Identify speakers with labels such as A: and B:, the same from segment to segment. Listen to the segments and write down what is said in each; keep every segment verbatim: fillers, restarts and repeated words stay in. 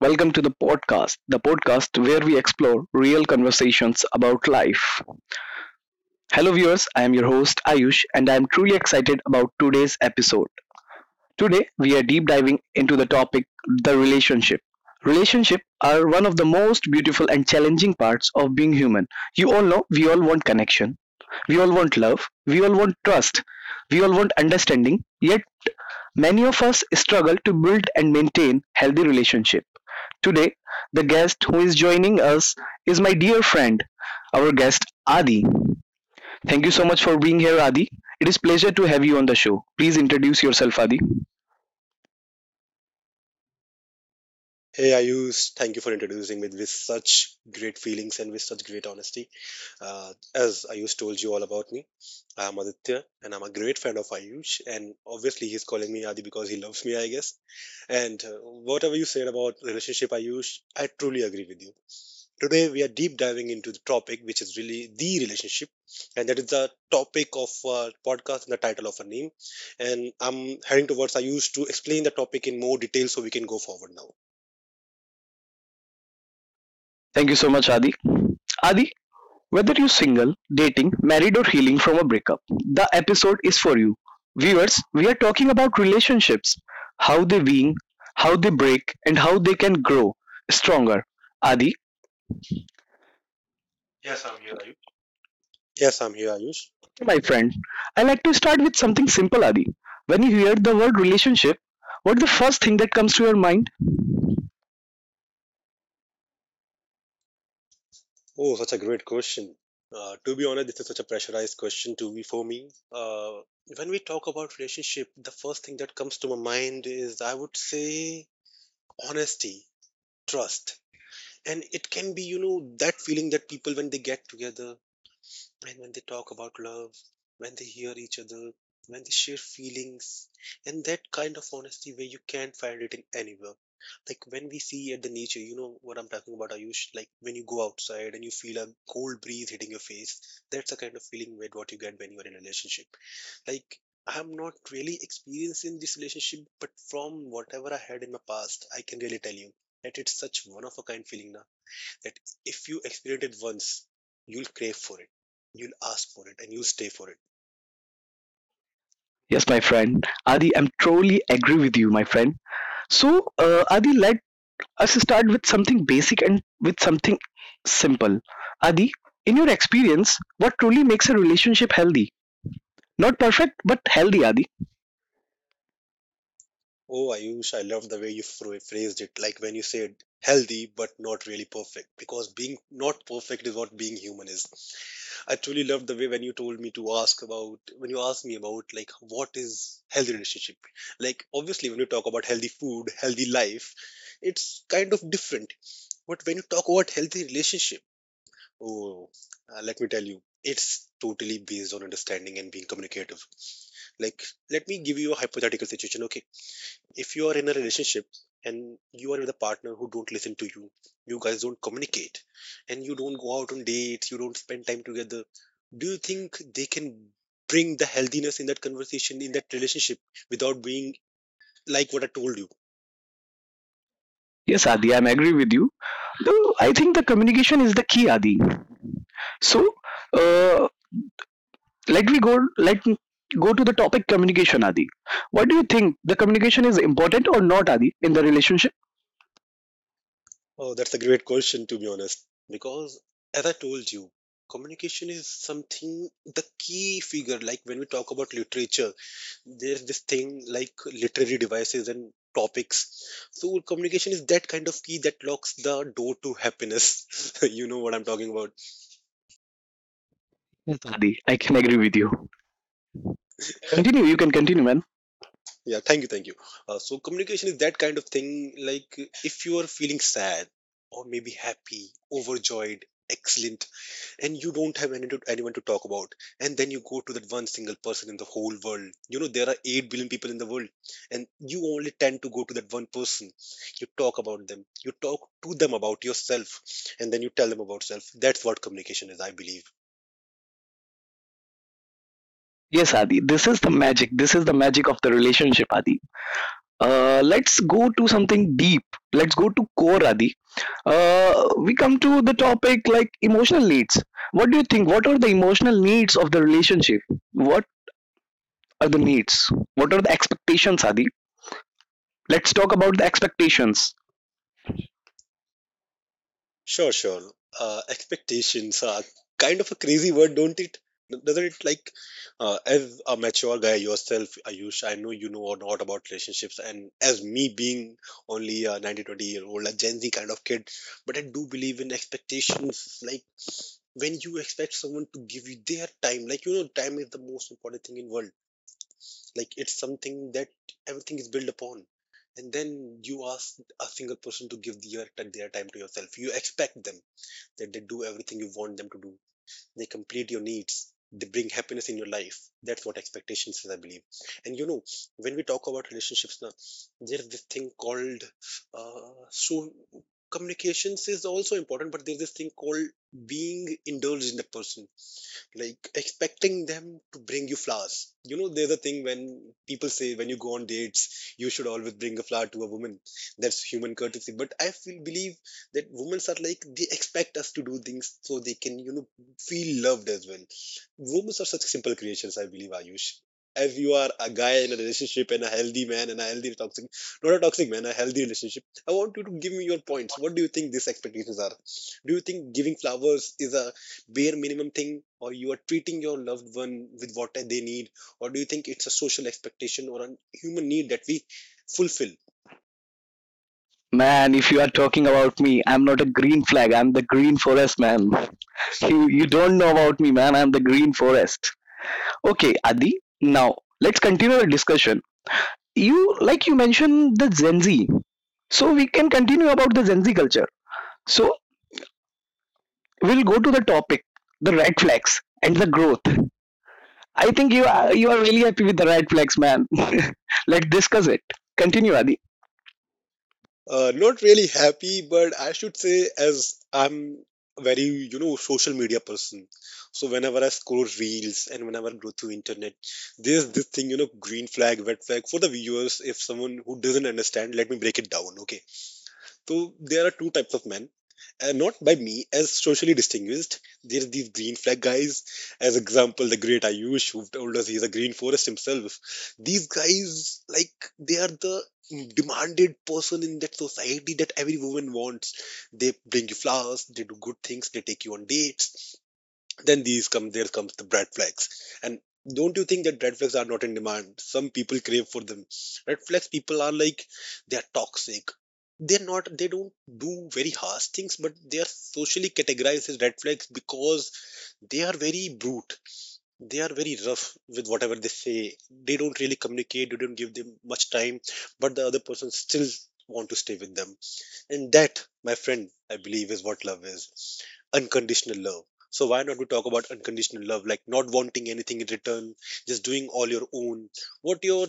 A: Welcome to the podcast, the podcast where we explore real conversations about life. Hello, viewers. I am your host, Ayush, and I am truly excited about today's episode. Today, we are deep diving into the topic the relationship. Relationships are one of the most beautiful and challenging parts of being human. You all know we all want connection, we all want love, we all want trust, we all want understanding, yet many of us struggle to build and maintain healthy relationship. Today, the guest who is joining us is my dear friend, our guest Adi. Thank you so much for being here, Adi. It is pleasure to have you on the show. Please introduce yourself, Adi.
B: Hey Ayush, thank you for introducing me with such great feelings and with such great honesty. Uh, as Ayush told you all about me, I am Aditya and I'm a great fan of Ayush. And obviously, he's calling me Adi because he loves me, I guess. And uh, whatever you said about relationship, Ayush, I truly agree with you. Today, we are deep diving into the topic which is really the relationship, and that is the topic of our podcast and the title of our name. And I'm heading towards Ayush to explain the topic in more detail so we can go forward now.
A: Thank you so much, Adi. Adi, whether you're single, dating, married, or healing from a breakup, the episode is for you. Viewers, we are talking about relationships, how they wean, how they break, and how they can grow stronger. Adi,
B: Yes, I'm here, Ayush.
A: my friend, I like to start with something simple, Adi. When you hear the word relationship, what's the first thing that comes to your mind?
B: Oh, such a great question. Uh, to be honest, this is such a pressurized question to be for me. Uh, when we talk about relationship, the first thing that comes to my mind is I would say honesty, trust, and it can be you know that feeling that people when they get together and when they talk about love, when they hear each other, when they share feelings, and that kind of honesty where you can't find it in anywhere. Like when we see at the nature, you know what I'm talking about, Ayush. Like when you go outside and you feel a cold breeze hitting your face, that's the kind of feeling with what you get when you are in a relationship. Like I'm not really experienced in this relationship, but from whatever I had in my past, I can really tell you that it's such one of a kind feeling now that if you experience it once, you'll crave for it, you'll ask for it, and you'll stay for it.
A: Yes, my friend. Adi, I'm truly agree with you, my friend. So, uh, Adi, let us start with something basic and with something simple. Adi, in your experience, what truly makes a relationship healthy? Not perfect, but healthy, Adi.
B: Oh, Ayush, I love the way you phra- phrased it. Like when you said healthy but not really perfect, because being not perfect is what being human is. I truly loved the way when you told me to ask about when you asked me about like what is healthy relationship. Like obviously when you talk about healthy food, healthy life, it's kind of different. But when you talk about healthy relationship, oh, uh, let me tell you, it's totally based on understanding and being communicative. Like, let me give you a hypothetical situation. Okay, if you are in a relationship and you are with a partner who don't listen to you, you guys don't communicate, and you don't go out on dates, you don't spend time together. Do you think they can bring the healthiness in that conversation in that relationship without being like what I told you?
A: Yes, Adi, I'm agree with you. Though I think the communication is the key, Adi. So, uh, let me go let go to the topic communication, Adi. What do you think, the communication is important or not, Adi, in the relationship?
B: Oh, that's a great question, to be honest. Because, as I told you, communication is something, the key figure. Like when we talk about literature, there's this thing like literary devices and topics. So, communication is that kind of key that locks the door to happiness. you know what I'm talking about.
A: Yes, Adi, I can agree with you. Continue, you can continue, man.
B: Yeah, thank you, thank you. Uh, so, communication is that kind of thing. Like if you are feeling sad or maybe happy, overjoyed, excellent, and you don't have any to, anyone to talk about and then you go to that one single person in the whole world, you know, there are eight billion people in the world and you only tend to go to that one person, you talk about them, you talk to them about yourself, and then you tell them about self. That's what communication is, I believe.
A: Yes, Adi, this is the magic. This is the magic of the relationship, Adi. Uh, let's go to something deep. Let's go to core, Adi. Uh, we come to the topic like emotional needs. What do you think? What are the emotional needs of the relationship? What are the needs? What are the expectations, Adi? Let's talk about the expectations.
B: Sure, sure. Uh, expectations are kind of a crazy word, don't it? Doesn't it? Like, uh, as a mature guy yourself, Ayush, I know you know a lot about relationships, and as me being only a nineteen, twenty year old, a Gen Z kind of kid, but I do believe in expectations. Like, when you expect someone to give you their time, like, you know, time is the most important thing in world. Like, it's something that everything is built upon. And then you ask a single person to give their, their time to yourself. You expect them that they do everything you want them to do, they complete your needs, they bring happiness in your life. That's what expectations is, I believe. And you know when we talk about relationships now, there's this thing called uh, so communications is also important, but there's this thing called being indulged in the person, like expecting them to bring you flowers. You know, there's a thing when people say when you go on dates, you should always bring a flower to a woman. That's human courtesy. But I feel believe that women are like they expect us to do things so they can you know feel loved as well. Women are such simple creations, I believe, Ayush. If you are a guy in a relationship and a healthy man and a healthy toxic, not a toxic man, a healthy relationship, I want you to give me your points. What do you think these expectations are? Do you think giving flowers is a bare minimum thing or you are treating your loved one with what they need, or do you think it's a social expectation or a human need that we fulfill?
A: Man, if you are talking about me, I'm not a green flag. I'm the green forest, man. You, you don't know about me, man. I'm the green forest. Okay, Adi, now let's continue the discussion. You, like you mentioned, the Gen Z. So we can continue about the Gen Z culture. So we'll go to the topic, the red flags and the growth. I think you are you are really happy with the red flags, man. Let's discuss it. Continue, Adi.
B: Uh, not really happy, but I should say, as I'm a very you know social media person, so whenever I scroll reels and whenever I go through internet, there's this thing, you know, green flag, red flag. For the viewers, if someone who doesn't understand, let me break it down. Okay, so there are two types of men. Uh, not by me as socially distinguished. There are these green flag guys, as example, the great Ayush who told us he's a green forest himself. These guys, like, they are the demanded person in that society that every woman wants. They bring you flowers, they do good things, they take you on dates. Then these come, there comes the bread flags. And don't you think that red flags are not in demand? Some people crave for them. Red flags people are like they are toxic. They're not, they don't do very harsh things, but they are socially categorized as red flags because they are very brute. They are very rough with whatever they say. They don't really communicate, you don't give them much time, but the other person still want to stay with them. And that, my friend, I believe is what love is, unconditional love. So, why not we talk about unconditional love, like not wanting anything in return, just doing all your own? What your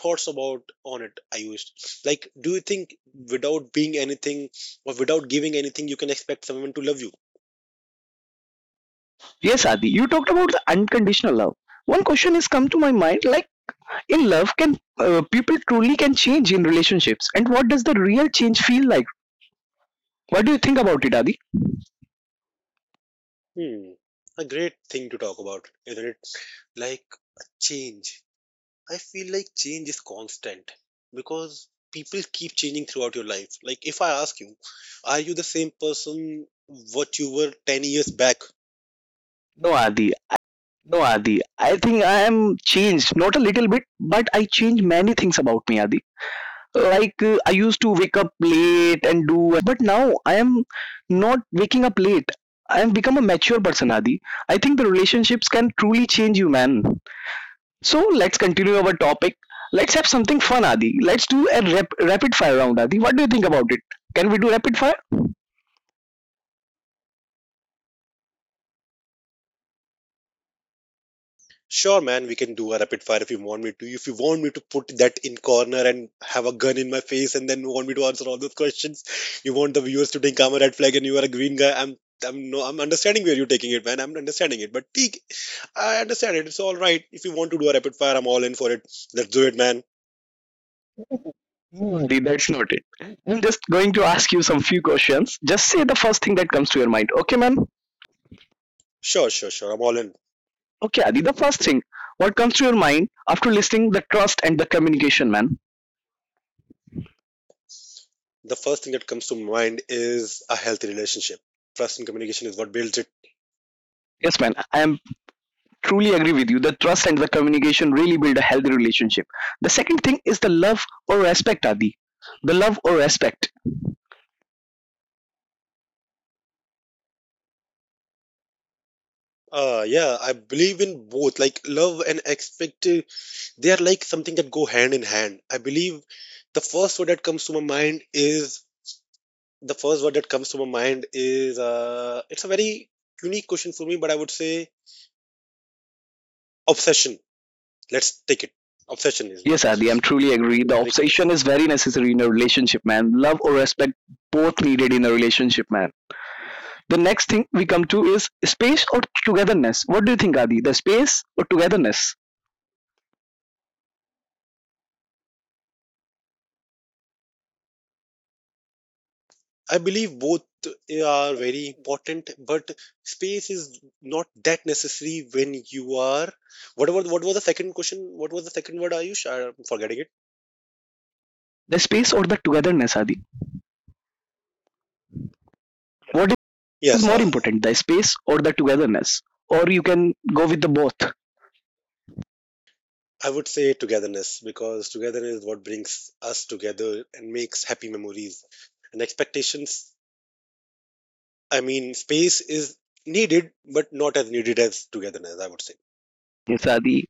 B: thoughts about on it, Ayush? Like, do you think without being anything or without giving anything, you can expect someone to love you?
A: Yes, Adi. You talked about the unconditional love. One question has come to my mind: like in love, can uh, people truly can change in relationships, and what does the real change feel like? What do you think about it, Adi?
B: Hmm, a great thing to talk about, isn't it? Like, a change. I feel like change is constant because people keep changing throughout your life. Like, if I ask you, are you the same person what you were ten years back?
A: No, Adi. I think I am changed. Not a little bit, but I changed many things about me, Adi. Like uh, I used to wake up late and do unnecessary things, but now I am not waking up late. I am become a mature person, Adi. I think the relationships can truly change you, man. So let's continue our topic. Let's have something fun, Adi. Let's do a rap- rapid fire round, Adi. What do you think about it? Can we do rapid fire?
B: Sure, man, we can do a rapid fire if you want me to. If you want me to put that in corner and have a gun in my face and then want me to answer all those questions, you want the viewers to think I'm a red flag and you are a green guy. I'm, I'm no, I'm understanding where you're taking it, man. I'm understanding it, but peak, I understand it. It's all right. If you want to do a rapid fire, I'm all in for it. Let's do it, man.
A: Hmm, Dee, that's noted. I'm just going to ask you some few questions. Just say the first thing that comes to your mind. Okay, man?
B: Sure, sure, sure. I'm all in.
A: Okay, Adi, the first thing. What comes to your mind after listening the trust and the communication, man?
B: The first thing that comes to mind is a healthy relationship. Trust and communication is what builds it.
A: Yes, man. I am truly agree with you. The trust and the communication really build a healthy relationship. The second thing is the love or respect, Adi. The love or respect.
B: Uh, yeah, I believe in both. Like love and expect, they are like something that go hand in hand. I believe the first word that comes to my mind is the first word that comes to my mind is uh, it's a very unique question for me, but I would say obsession. Let's take it. Obsession is
A: Yes,
B: what it
A: Adi, I'm
B: is.
A: truly agree. The
B: Recon-
A: obsession is very necessary in a relationship, man. Love or respect both needed in a relationship, man. The next thing we come to is space or togetherness. What do you think, Adi? The space or togetherness?
B: I believe both eh, are very important, but space is not that necessary when you are. What was what was the second question? What was the second word? Ayush, I'm forgetting it.
A: The space or the togetherness, Adi? What is
B: Yes,
A: more
B: uh,
A: important, the space or the togetherness? Or you can go with the both.
B: I would say togetherness because togetherness is what brings us together and makes happy memories and expectations. I mean, space is needed, but not as needed as togetherness, I would say.
A: Yes, Adi.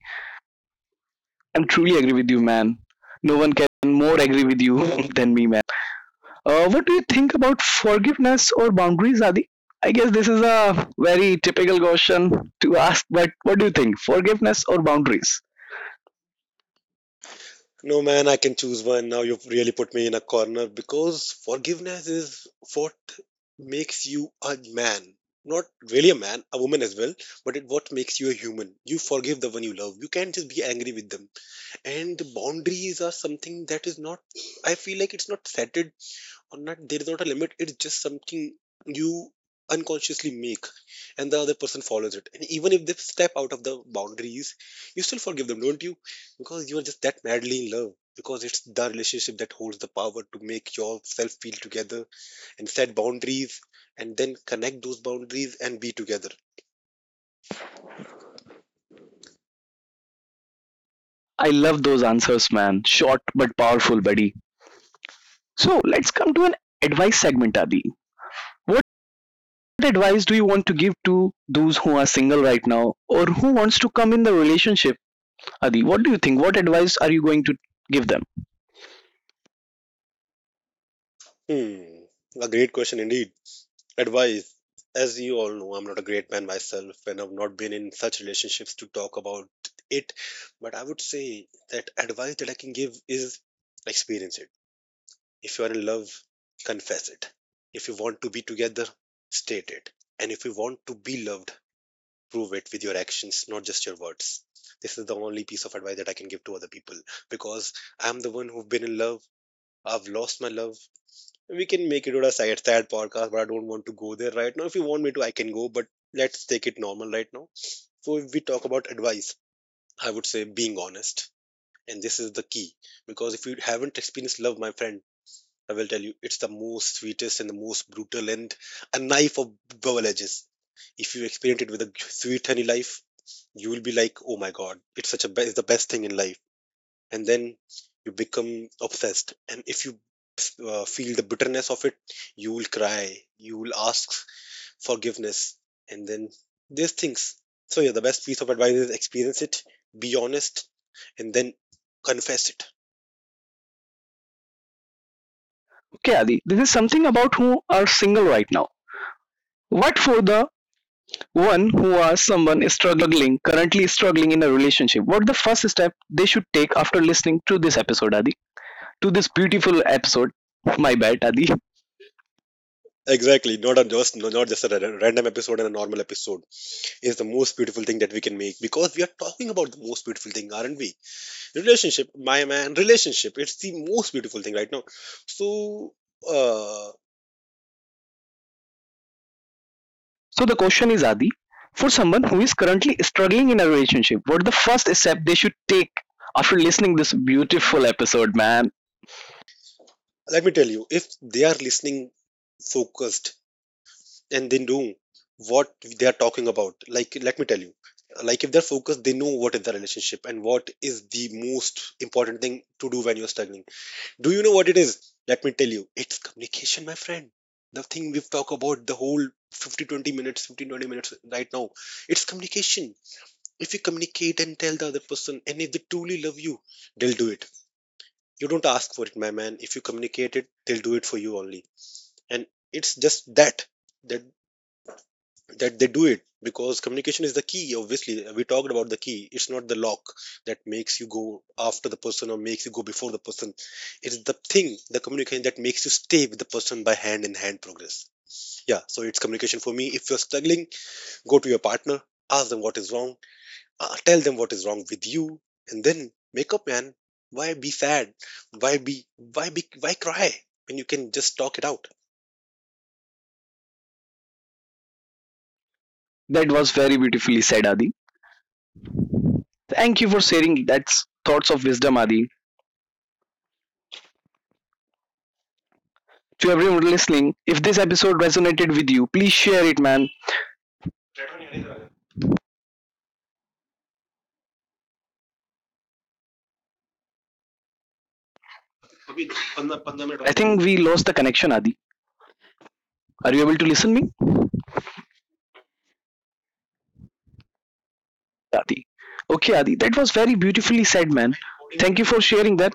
A: I'm truly agree with you, man. No one can more agree with you than me, man. Uh, what do you think about forgiveness or boundaries, Adi? I guess this is a very typical question to ask, but what do you think? Forgiveness or boundaries?
B: No, man, I can choose one. Now you've really put me in a corner because forgiveness is what makes you a man. Not really a man, a woman as well, but it what makes you a human. You forgive the one you love. You can't just be angry with them. And boundaries are something that is not, I feel like it's not settled or not, there is not a limit, it's just something you unconsciously make and the other person follows it. And even if they step out of the boundaries, you still forgive them, don't you? Because you are just that madly in love. Because it's the relationship that holds the power to make yourself feel together and set boundaries and then connect those boundaries and be together.
A: I love those answers, man. Short but powerful, buddy. So let's come to an advice segment, Adi. What advice do you want to give to those who are single right now or who wants to come in the relationship, Adi? What do you think? What advice are you going to give them?
B: Hmm, a great question indeed. Advice, as you all know, I'm not a great man myself and I've not been in such relationships to talk about it, but I would say that advice that I can give is experience it. If you are in love, confess it. If you want to be together, state it. And if you want to be loved, prove it with your actions, not just your words. This is the only piece of advice that I can give to other people because I'm the one who've been in love. I've lost my love. We can make it on a sad, sad podcast, but I don't want to go there right now. If you want me to, I can go, but let's take it normal right now. So if we talk about advice, I would say being honest. And this is the key. Because if you haven't experienced love, my friend, I will tell you it's the most sweetest and the most brutal and a knife of double edges. If you experience it with a sweet honey life, you will be like, oh my god, it's such a be- it's the best thing in life, and then you become obsessed. And if you uh, feel the bitterness of it, you will cry, you will ask forgiveness and then these things. So yeah, the best piece of advice is experience it, be honest, and then confess it.
A: Okay, Adi, this is something about who are single right now. What for the one who are someone is struggling, currently struggling in a relationship? What the first step they should take after listening to this episode, Adi? To this beautiful episode. My bad, Adi.
B: Exactly, not a just no- not just a ra- random episode, and a normal episode is the most beautiful thing that we can make because we are talking about the most beautiful thing, aren't we? Relationship, my man. Relationship. It's the most beautiful thing right now. So uh
A: So the question is, Adi, for someone who is currently struggling in a relationship, what the first step they should take after listening this beautiful episode, man?
B: let me tell you, if they are listening, focused, and they know what they are talking about, like, let me tell you, like, if they're focused, they know what is the relationship and what is the most important thing to do when you're struggling. Do you know what it is? Let me tell you, it's communication, my friend. The thing we've talked about the whole fifty minutes, fifteen twenty minutes right now. It's communication. If you communicate and tell the other person, and if they truly love you, they'll do it. You don't ask for it, my man. If you communicate it, they'll do it for you only. And it's just that that that they do it because communication is the key. Obviously, we talked about the key. It's not the lock that makes you go after the person or makes you go before the person. It's the thing, the communication, that makes you stay with the person by hand in hand progress. Yeah, so it's communication for me. If you're struggling, go to your partner, ask them what is wrong, uh, tell them what is wrong with you and then make up, man. Why be sad? why be why be why cry when you can just talk it out?
A: That was very beautifully said, Adi. Thank you for sharing that thoughts of wisdom, Adi. To everyone listening, if this episode resonated with you, please share it, man. I think we lost the connection, Adi. Are you able to listen me, Adi? Okay, Adi, that was very beautifully said, man. Thank you for sharing that.